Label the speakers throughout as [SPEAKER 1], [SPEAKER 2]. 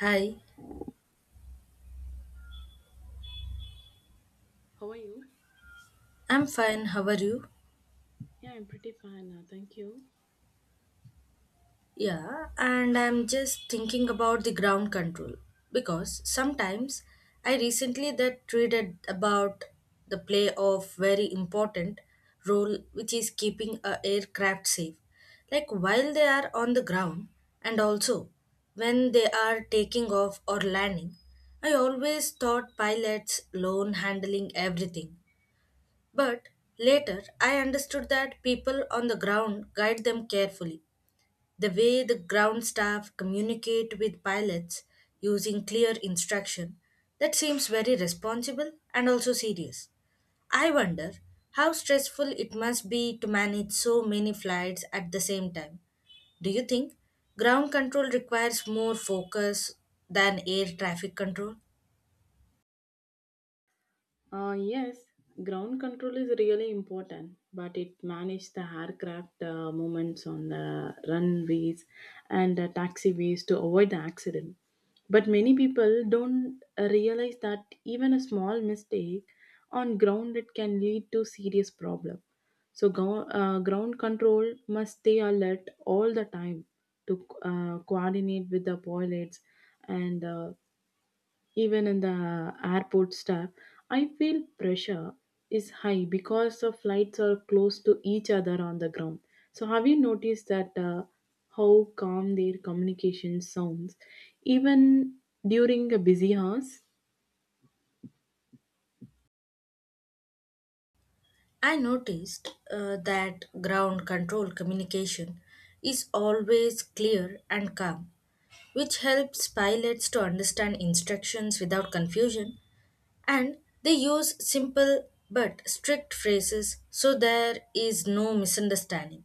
[SPEAKER 1] Hi,
[SPEAKER 2] How are you?
[SPEAKER 1] I'm fine. How are you?
[SPEAKER 2] Yeah, I'm pretty fine. Thank you.
[SPEAKER 1] Yeah, and I'm just thinking about the ground control because sometimes I recently that read about the play of very important role which is keeping a aircraft safe, like while they are on the ground and also when they are taking off or landing. I always thought pilots alone handling everything. But later, I understood that people on the ground guide them carefully. The way the ground staff communicate with pilots using clear instruction, that seems very responsible and also serious. I wonder how stressful it must be to manage so many flights at the same time. Do you think ground control requires more focus than air traffic control?
[SPEAKER 2] Yes, ground control is really important, but it manages the aircraft movements on the runways and taxiways to avoid the accident. But many people don't realize that even a small mistake on ground it can lead to serious problem. So ground control must stay alert all the time to coordinate with the pilots and even in the airport staff I feel pressure is high because the flights are close to each other on the ground. So have you noticed that how calm their communication sounds even during a busy hours?
[SPEAKER 1] I noticed that ground control communication is always clear and calm, which helps pilots to understand instructions without confusion, and they use simple but strict phrases so there is no misunderstanding.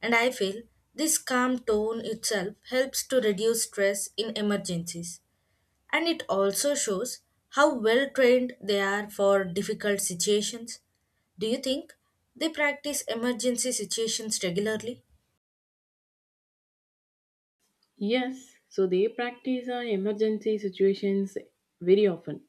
[SPEAKER 1] And I feel this calm tone itself helps to reduce stress in emergencies. And it also shows how well trained they are for difficult situations. Do you think they practice emergency situations regularly?
[SPEAKER 2] Yes, so they practice on emergency situations very often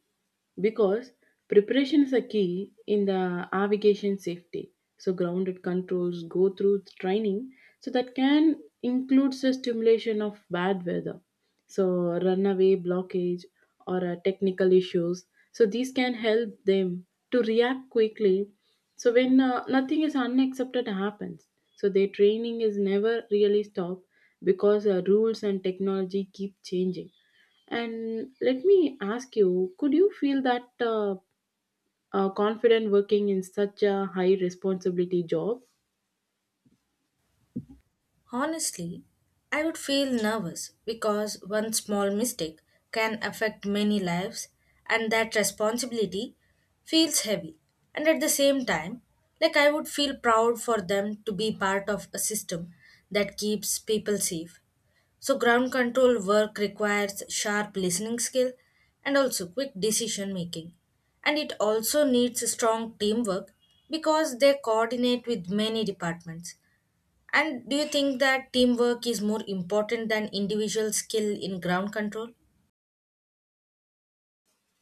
[SPEAKER 2] because preparation is a key in the aviation safety. So grounded controls go through training, so that can include the stimulation of bad weather, so runaway blockage or technical issues, so these can help them to react quickly so when nothing is unaccepted happens, so their training is never really stopped because rules and technology keep changing. And let me ask you, could you feel that confident working in such a high responsibility job?
[SPEAKER 1] Honestly, I would feel nervous because one small mistake can affect many lives, and that responsibility feels heavy. And at the same time, like I would feel proud for them to be part of a system that keeps people safe. So, ground control work requires sharp listening skill and also quick decision making. And it also needs strong teamwork because they coordinate with many departments. And do you think that teamwork is more important than individual skill in ground control?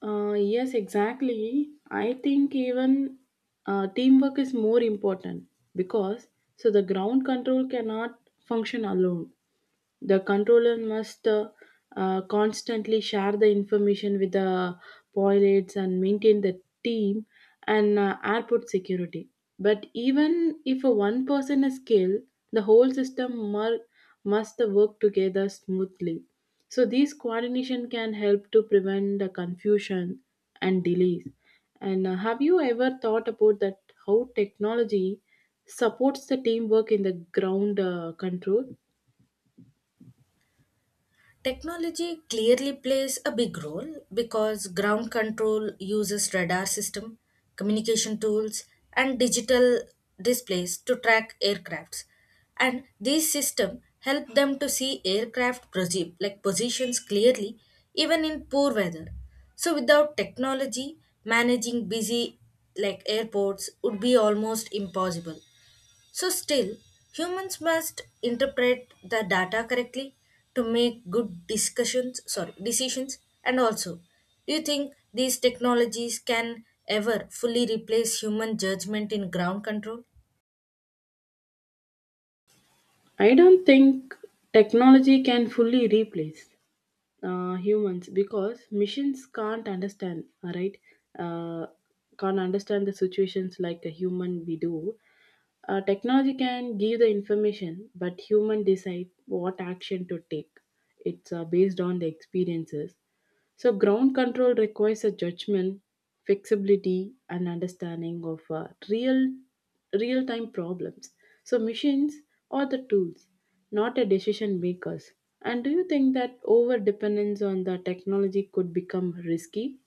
[SPEAKER 2] Yes, exactly. I think even teamwork is more important because so the ground control cannot function alone. The controller must constantly share the information with the pilots and maintain the team and airport security. But even if a one person is killed, the whole system mur- must work together smoothly. So these coordination can help to prevent the confusion and delays. And have you ever thought about that how technology supports the teamwork in the ground control?
[SPEAKER 1] Technology clearly plays a big role because ground control uses radar system, communication tools, and digital displays to track aircrafts. And these systems help them to see aircraft like positions clearly even in poor weather. So without technology, managing busy like airports would be almost impossible. So, still, humans must interpret the data correctly to make good discussions, sorry, decisions. And also, do you think these technologies can ever fully replace human judgment in ground control?
[SPEAKER 2] I don't think technology can fully replace humans because machines can't understand, all right? Uh, can't understand the situations like a human we do. Technology can give the information, but human decide what action to take. It's based on the experiences. So ground control requires a judgment, flexibility, and understanding of real time problems. So machines are the tools, not a decision makers. And do you think that over dependence on the technology could become risky?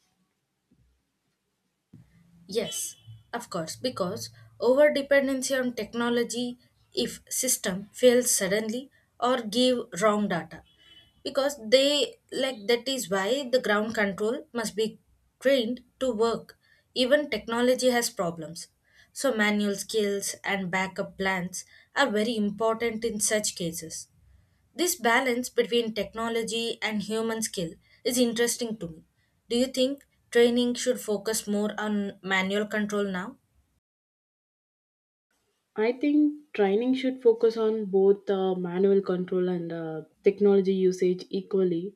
[SPEAKER 1] Yes, of course, because over dependency on technology if system fails suddenly or give wrong data because they like that is why the ground control must be trained to work even technology has problems, so manual skills and backup plans are very important in such cases. This balance between technology and human skill is interesting to me. Do you think training should focus more on manual control now?
[SPEAKER 2] I think training should focus on both manual control and technology usage equally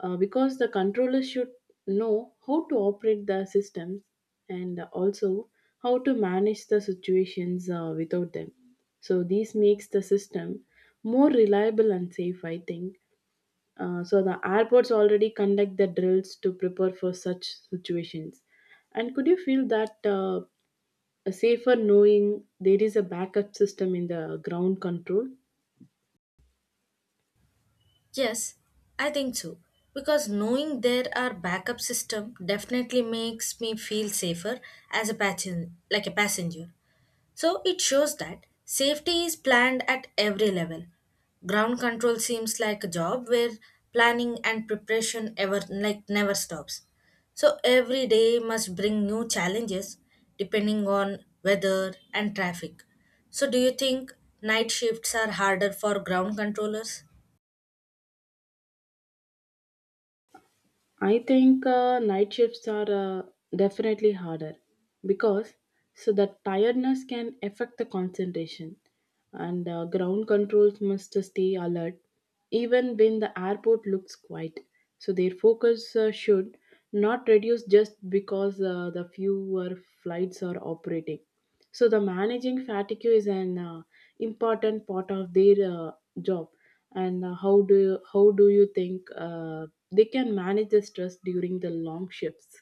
[SPEAKER 2] because the controllers should know how to operate the systems and also how to manage the situations without them. So this makes the system more reliable and safe, I think. So the airports already conduct the drills to prepare for such situations. And could you feel that a safer knowing there is a backup system in the ground control.
[SPEAKER 1] Yes, I think so. Because knowing there are backup system definitely makes me feel safer as a passenger, like a passenger. So it shows that safety is planned at every level. Ground control seems like a job where planning and preparation ever like never stops. So every day must bring new challenges depending on weather and traffic. So do you think night shifts are harder for ground controllers?
[SPEAKER 2] I think night shifts are definitely harder because so the tiredness can affect the concentration and ground controls must stay alert even when the airport looks quiet. So their focus should not reduce just because the fewer flights are operating. So the managing fatigue is an important part of their job. And how do you think they can manage the stress during the long shifts?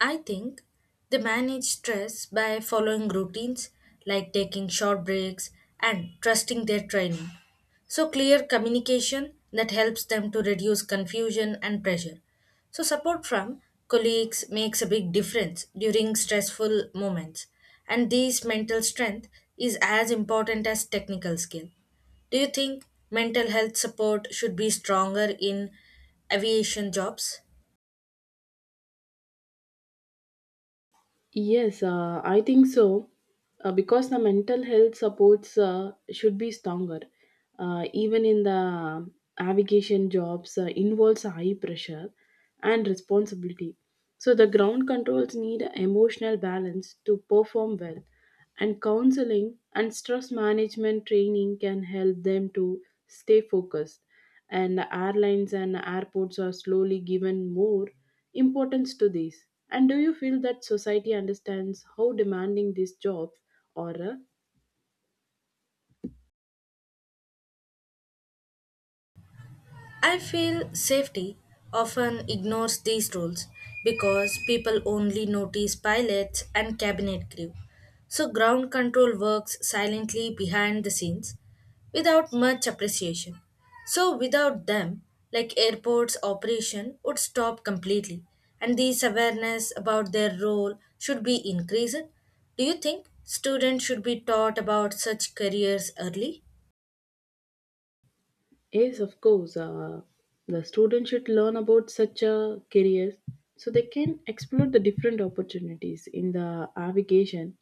[SPEAKER 1] I think they manage stress by following routines like taking short breaks and trusting their training. So, clear communication that helps them to reduce confusion and pressure. So, support from colleagues makes a big difference during stressful moments. And this mental strength is as important as technical skill. Do you think mental health support should be stronger in aviation jobs?
[SPEAKER 2] Yes, I think so. Because the mental health supports should be stronger, even in the navigation jobs involves high pressure and responsibility. So the ground controls need emotional balance to perform well. And counseling and stress management training can help them to stay focused. And the airlines and airports are slowly given more importance to these. And do you feel that society understands how demanding these jobs are?
[SPEAKER 1] I feel safety often ignores these rules because people only notice pilots and cabinet crew. So ground control works silently behind the scenes without much appreciation. So without them, like airports operation would stop completely and this awareness about their role should be increased. Do you think students should be taught about such careers early?
[SPEAKER 2] Yes, of course. The students should learn about such a career so they can explore the different opportunities in the navigation,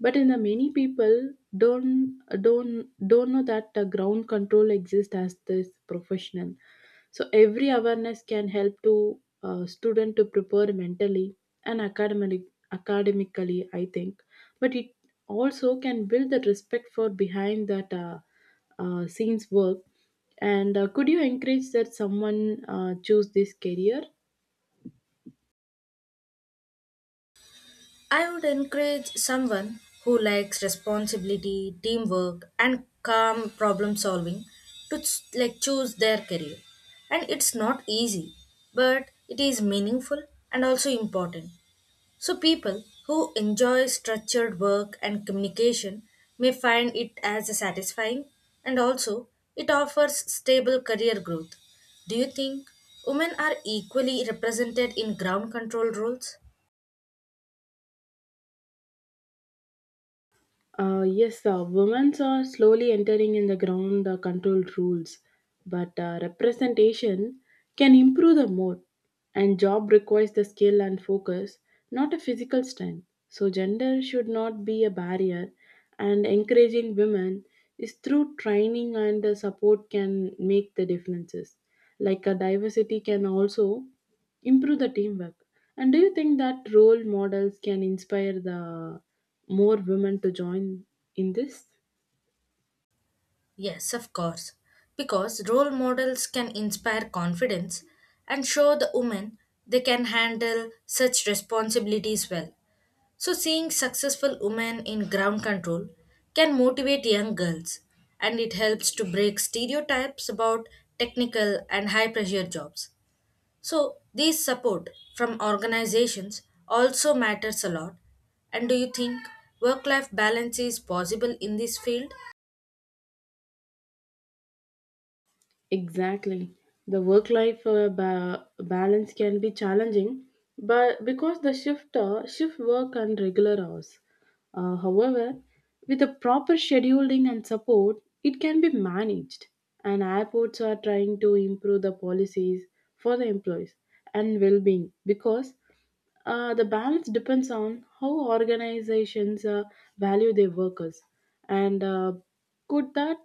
[SPEAKER 2] but in the many people don't know that the ground control exists as this professional, so every awareness can help to student to prepare mentally and academically I think, but it also can build the respect for behind that scenes work. And could you encourage that someone choose this career?
[SPEAKER 1] I would encourage someone who likes responsibility, teamwork, and calm problem solving to like choose their career. And it's not easy, but it is meaningful and also important. So people who enjoy structured work and communication may find it as satisfying and also it offers stable career growth. Do you think women are equally represented in ground control roles?
[SPEAKER 2] Yes, women are slowly entering in the ground controlled rules, but representation can improve the more. And job requires the skill and focus, not a physical strength. So gender should not be a barrier, and encouraging women is through training and support can make the differences. Like a diversity can also improve the teamwork. And do you think that role models can inspire the more women to join in this?
[SPEAKER 1] Yes, of course. Because role models can inspire confidence and show the women they can handle such responsibilities well. So, seeing successful women in ground control can motivate young girls and it helps to break stereotypes about technical and high pressure jobs. So, this support from organizations also matters a lot. And do you think work life balance is possible in this field?
[SPEAKER 2] Exactly. The work life balance can be challenging but because the shift work and regular hours. However, with the proper scheduling and support, it can be managed. And airports are trying to improve the policies for the employees and well-being because the balance depends on how organizations value their workers and could that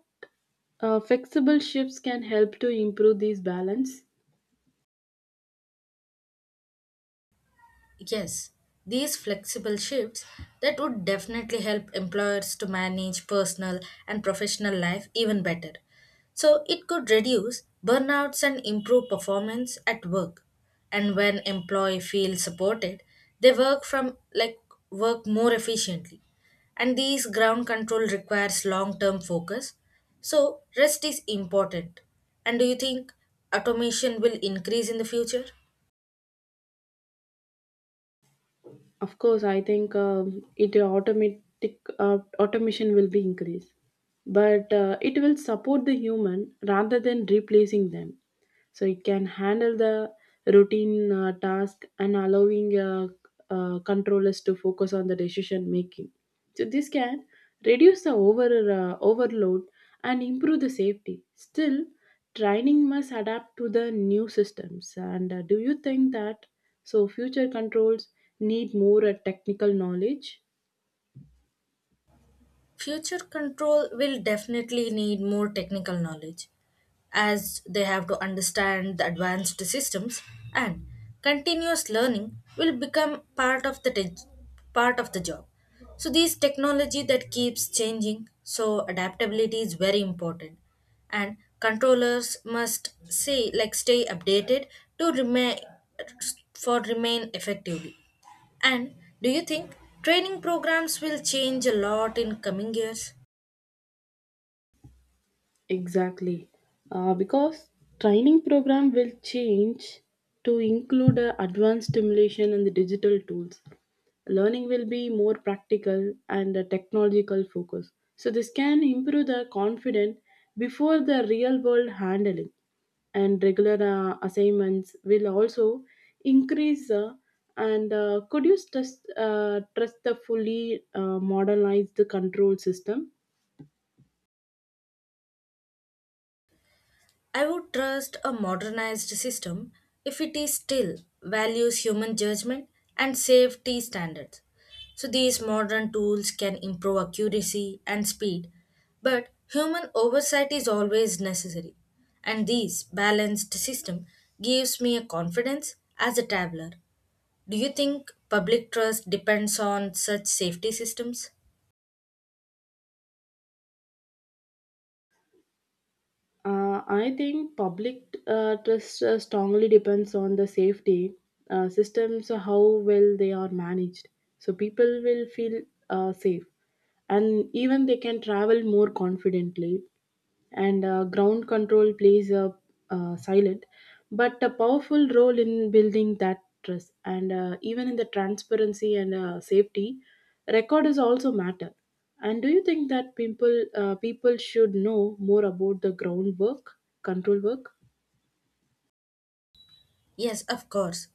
[SPEAKER 2] flexible shifts can help to improve this balance.
[SPEAKER 1] Yes, these flexible shifts that would definitely help employers to manage personal and professional life even better. So it could reduce burnouts and improve performance at work. And when employee feels supported, they work from like work more efficiently. And these ground control requires long-term focus. So rest is important. And do you think automation will increase in the future?
[SPEAKER 2] Of course, I think it automatic automation will be increased, but it will support the human rather than replacing them. So it can handle the routine task and allowing controllers to focus on the decision making. So this can reduce the overload and improve the safety. Still, training must adapt to the new systems. And do you think that? So future controls need more technical knowledge.
[SPEAKER 1] Future control will definitely need more technical knowledge as they have to understand the advanced systems, and continuous learning will become part of the job. So these technology that keeps changing, so adaptability is very important and controllers must say like stay updated to remain effectively. And do you think training programs will change a lot in coming years?
[SPEAKER 2] Exactly. Because training program will change to include advanced stimulation and the digital tools. Learning will be more practical and technological focus. So this can improve the confidence before the real world handling, and regular assignments will also increase And could you trust the fully modernized control system?
[SPEAKER 1] I would trust a modernized system if it is still values human judgment and safety standards. So these modern tools can improve accuracy and speed, but human oversight is always necessary. And this balanced system gives me a confidence as a traveler. Do you think public trust depends on such safety systems?
[SPEAKER 2] I think public trust strongly depends on the safety systems, how well they are managed. So people will feel safe and even they can travel more confidently. And ground control plays a silent but a powerful role in building that trust. And even in the transparency and safety, record is also matter. And do you think that people should know more about the groundwork control work?
[SPEAKER 1] Yes, of course.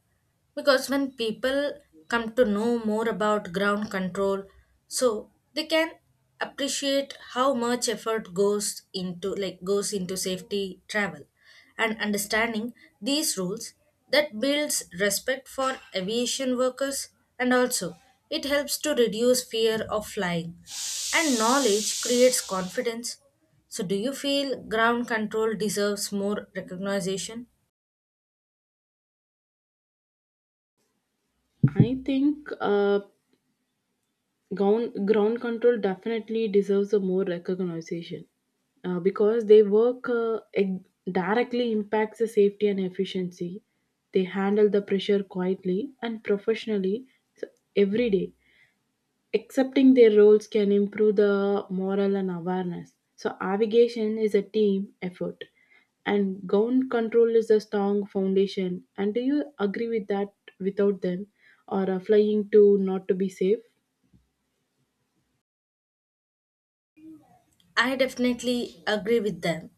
[SPEAKER 1] Because when people come to know more about ground control, so they can appreciate how much effort goes into like goes into safety travel and understanding these rules that builds respect for aviation workers and also it helps to reduce fear of flying and knowledge creates confidence. So do you feel ground control deserves more recognition?
[SPEAKER 2] I think ground control definitely deserves a more recognition because directly impacts the safety and efficiency. They handle the pressure quietly and professionally so every day, accepting their roles can improve the moral and awareness. So navigation is a team effort, and gown control is a strong foundation. And do you agree with that? Without them, or flying to not to be safe?
[SPEAKER 1] I definitely agree with them.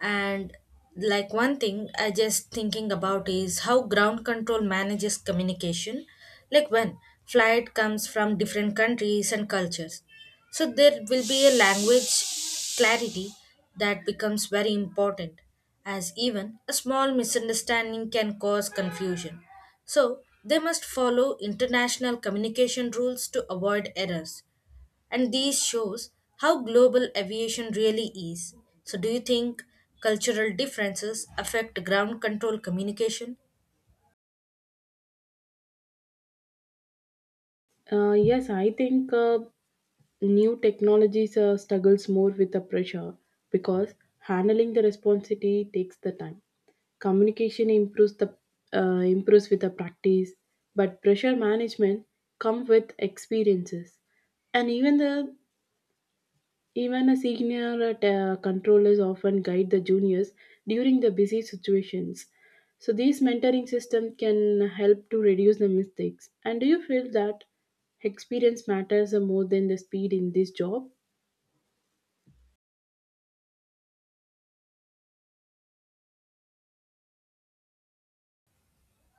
[SPEAKER 1] And like one thing I just thinking about is how ground control manages communication, like when flight comes from different countries and cultures. So there will be a language clarity that becomes very important as even a small misunderstanding can cause confusion. So they must follow international communication rules to avoid errors. And these shows how global aviation really is. So do you think cultural differences affect ground control communication?
[SPEAKER 2] Yes, I think. New technologies struggles more with the pressure because handling the responsibility takes the time. Communication improves the improves with the practice, but pressure management come with experiences, and even a senior controllers often guide the juniors during the busy situations, so these mentoring system can help to reduce the mistakes. And do you feel that experience matters more than the speed in this job?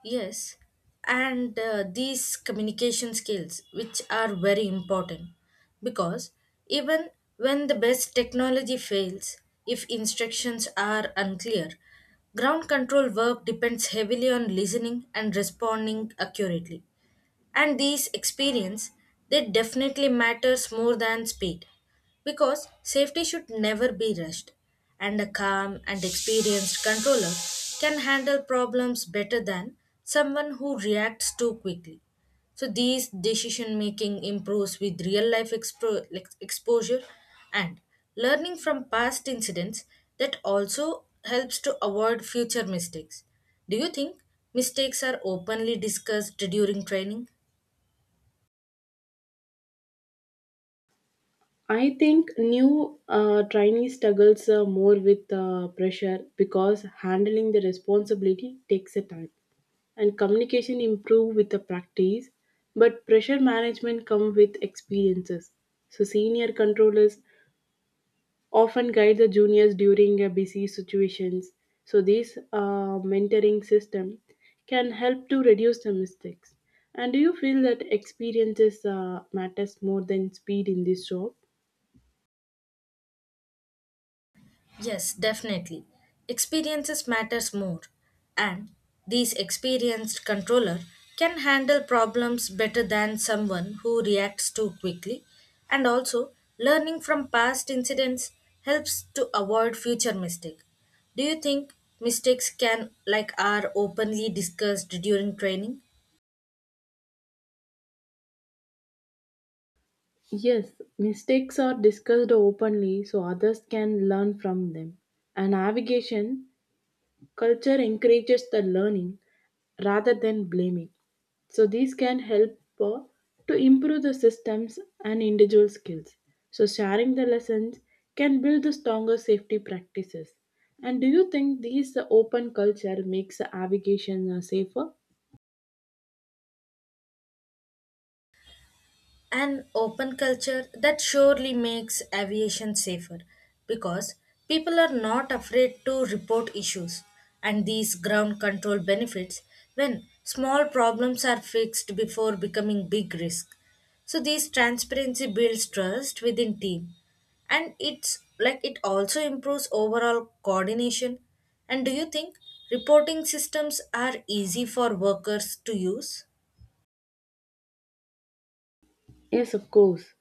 [SPEAKER 1] Yes. And these communication skills which are very important because even when the best technology fails, if instructions are unclear, ground control work depends heavily on listening and responding accurately. And these experience they definitely matters more than speed because safety should never be rushed, and a calm and experienced controller can handle problems better than someone who reacts too quickly. So these decision making improves with real life like exposure, and learning from past incidents that also helps to avoid future mistakes. Do you think Mistakes are openly discussed during training?
[SPEAKER 2] I think new trainee struggles more with pressure because handling the responsibility takes a time, and communication improve with the practice, but pressure management come with experiences. So senior controllers often guide the juniors during busy situations, so this mentoring system can help to reduce the mistakes. And do you feel that experiences matters more than speed in this job?
[SPEAKER 1] Yes, definitely. Experiences matters more, and these experienced controller can handle problems better than someone who reacts too quickly, and also learning from past incidents helps to avoid future mistake. Do you think mistakes can like are openly discussed during training?
[SPEAKER 2] Yes, mistakes are discussed openly so others can learn from them. And navigation culture encourages the learning rather than blaming. So these can help to improve the systems and individual skills. So sharing the lessons can build the stronger safety practices. And do you think these open culture makes the navigation safer?
[SPEAKER 1] An open culture that surely makes aviation safer because people are not afraid to report issues, and these ground control benefits when small problems are fixed before becoming big risk. So this transparency builds trust within team and it's like it also improves overall coordination. And do you think reporting systems are easy for workers to use?
[SPEAKER 2] Yes, of course.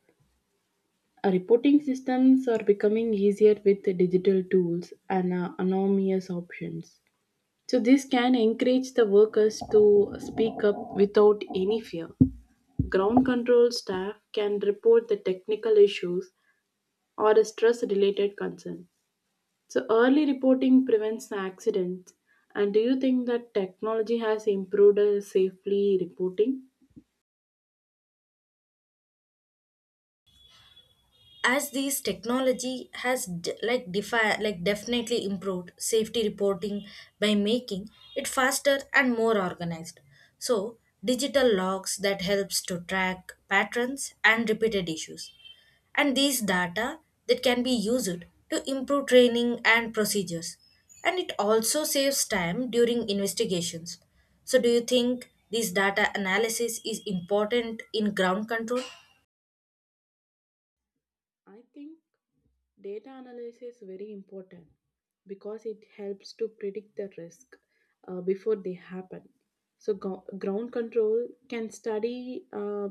[SPEAKER 2] Reporting systems are becoming easier with the digital tools and anonymous options. So this can encourage the workers to speak up without any fear. Ground control staff can report the technical issues or a stress related concern. So early reporting prevents accidents. And do you think that technology has improved safely reporting?
[SPEAKER 1] As these technology has like like definitely improved safety reporting by making it faster and more organized, so digital logs that helps to track patterns and repeated issues, and these data that can be used to improve training and procedures, and it also saves time during investigations. So do you think this data analysis is important in ground control?
[SPEAKER 2] I think data analysis is very important because it helps to predict the risk before they happen. So ground control can study uh,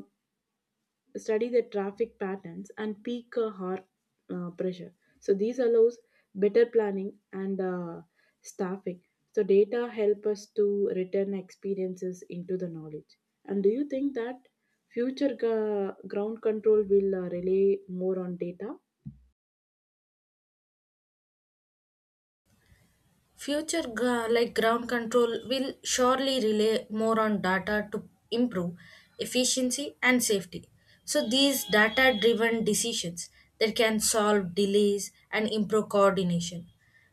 [SPEAKER 2] study the traffic patterns and peak heart pressure. So these allows better planning and staffing. So data help us to return experiences into the knowledge. And do you think that ground control will rely more on data?
[SPEAKER 1] Future like ground control will surely rely more on data to improve efficiency and safety. So these data driven decisions that can solve delays and improve coordination.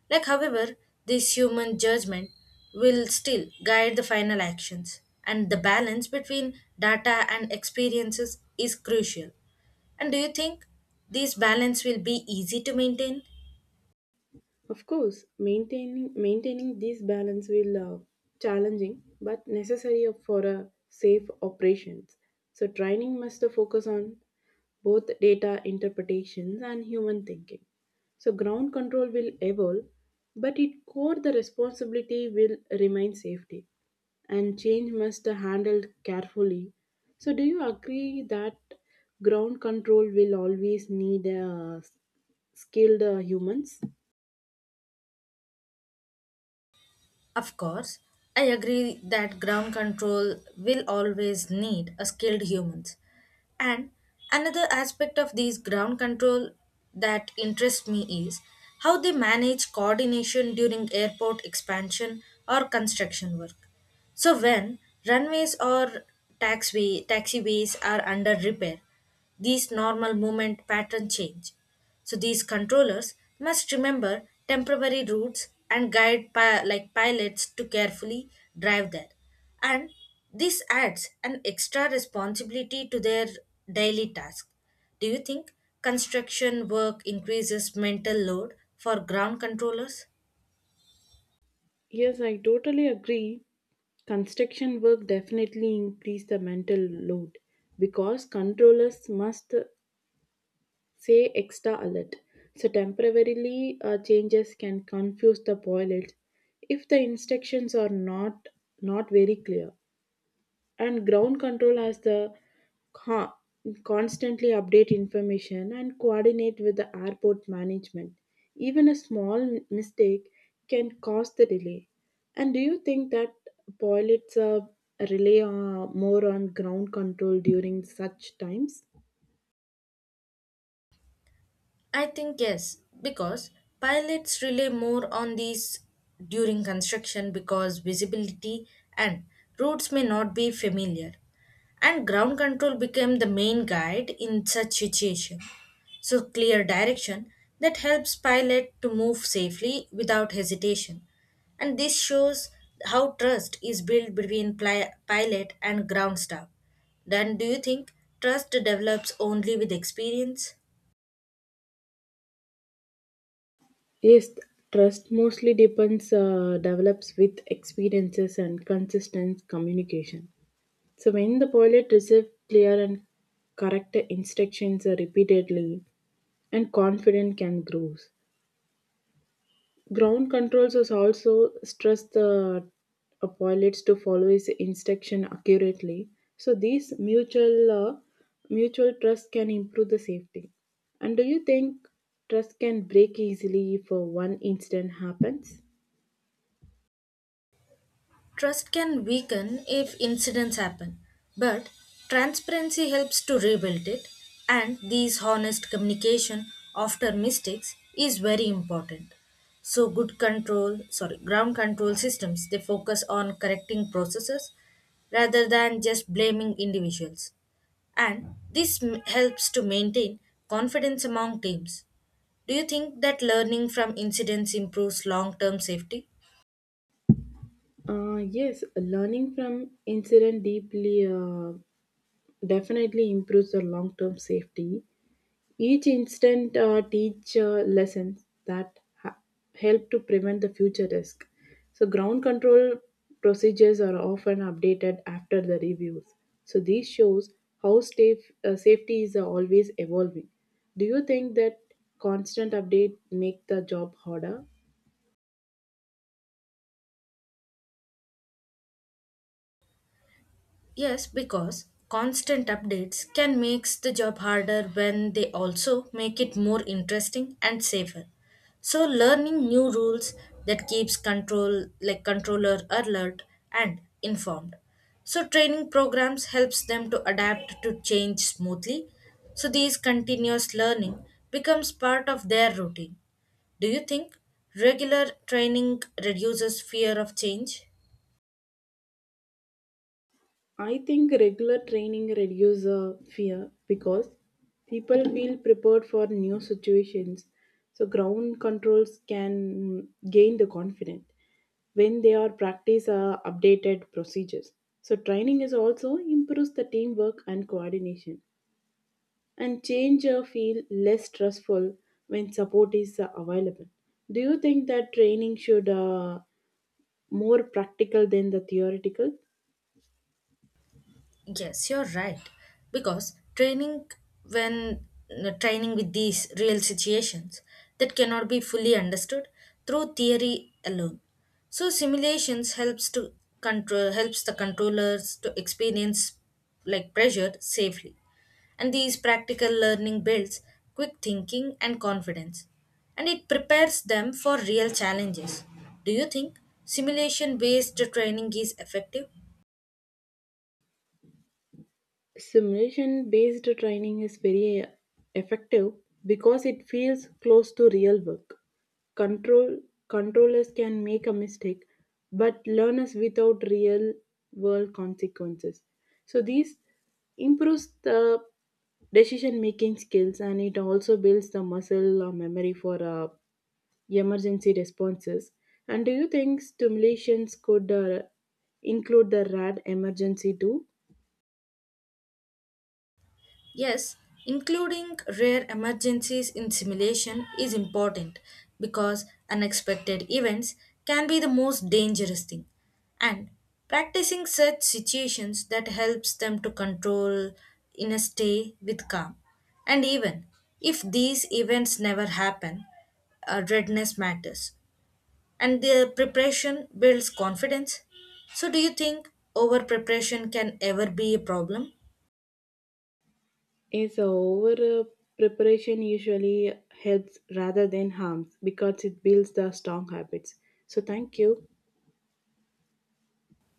[SPEAKER 1] Like however, this human judgment will still guide the final actions, and the balance between data and experiences is crucial. And do you think this balance will be easy to maintain?
[SPEAKER 2] Of course, maintaining this balance will challenging but necessary for a safe operations. So training must focus on both data interpretations and human thinking. So ground control will evolve, but its core the responsibility will remain safety and change must be handled carefully. So do you agree that ground control will always need skilled humans?
[SPEAKER 1] Of course, I agree that ground control will always need a skilled humans. And another aspect of these ground control that interests me is how they manage coordination during airport expansion or construction work. So when runways or taxiways are under repair, these normal movement pattern change. So these controllers must remember temporary routes and guide like pilots to carefully drive there. And this adds an extra responsibility to their daily task. Do you think construction work increases mental load for ground controllers?
[SPEAKER 2] Yes, I totally agree. Construction work definitely increase the mental load because controllers must say extra alert. So temporarily changes can confuse the pilots if the instructions are not very clear, and ground control has the co- constantly update information and coordinate with the airport management. Even a small mistake can cause the delay. And do you think that pilots rely more on ground control during such times?
[SPEAKER 1] I think yes, because pilots rely more on these during construction because visibility and routes may not be familiar. And ground control became the main guide in such situation. So clear direction that helps pilot to move safely without hesitation. And this shows how trust is built between pilot and ground staff. Then do you think trust develops only with experience?
[SPEAKER 2] Yes, trust mostly depends develops with experiences and consistent communication. So when the pilot received clear and correct instructions repeatedly, and confidence can grow. Ground controls is also stress the pilots to follow his instruction accurately. So these mutual trust can improve the safety. And do you think trust can break easily if one incident happens?
[SPEAKER 1] Trust can weaken if incidents happen, but transparency helps to rebuild it, and these honest communication after mistakes is very important. So good control, sorry, ground control systems they focus on correcting processes rather than just blaming individuals. And this helps to maintain confidence among teams. Do you think that learning from incidents improves long-term safety?
[SPEAKER 2] Yes, learning from incident deeply definitely improves the long term safety. Each instant teach lessons that help to prevent the future risk. So ground control procedures are often updated after the reviews. So this shows how safety is always evolving. Do you think that constant update make the job harder?
[SPEAKER 1] Yes, because constant updates can make the job harder when they also make it more interesting and safer. So learning new rules that keeps control like controller alert and informed. So training programs helps them to adapt to change smoothly. So these continuous learning becomes part of their routine. Do you think regular training reduces fear of change?
[SPEAKER 2] I think regular training reduces fear because people feel prepared for new situations. So ground controls can gain the confidence when they are practice updated procedures. So training is also improves the teamwork and coordination, and change feel less stressful when support is available. Do you think that training should more practical than the theoretical?
[SPEAKER 1] Yes, you're right. Because training when training with these real situations that cannot be fully understood through theory alone. So simulations helps the controllers to experience like pressure safely. And these practical learning builds quick thinking and confidence. And it prepares them for real challenges. Do you think simulation based training is effective?
[SPEAKER 2] Simulation based training is very effective because it feels close to real work. Control controllers can make a mistake, but learners without real world consequences. So these improves the decision making skills and it also builds the muscle or memory for emergency responses. And do you think simulations could include the RAD emergency too?
[SPEAKER 1] Yes, including rare emergencies in simulation is important because unexpected events can be the most dangerous thing. And practicing such situations that helps them to control in a stay with calm. And even if these events never happen, readiness matters and the preparation builds confidence. So do you think over preparation can ever be a problem?
[SPEAKER 2] Is over preparation usually helps rather than harms because it builds the strong habits. So thank you.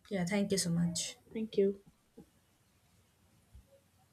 [SPEAKER 1] Yeah, thank you so much.
[SPEAKER 2] Thank you.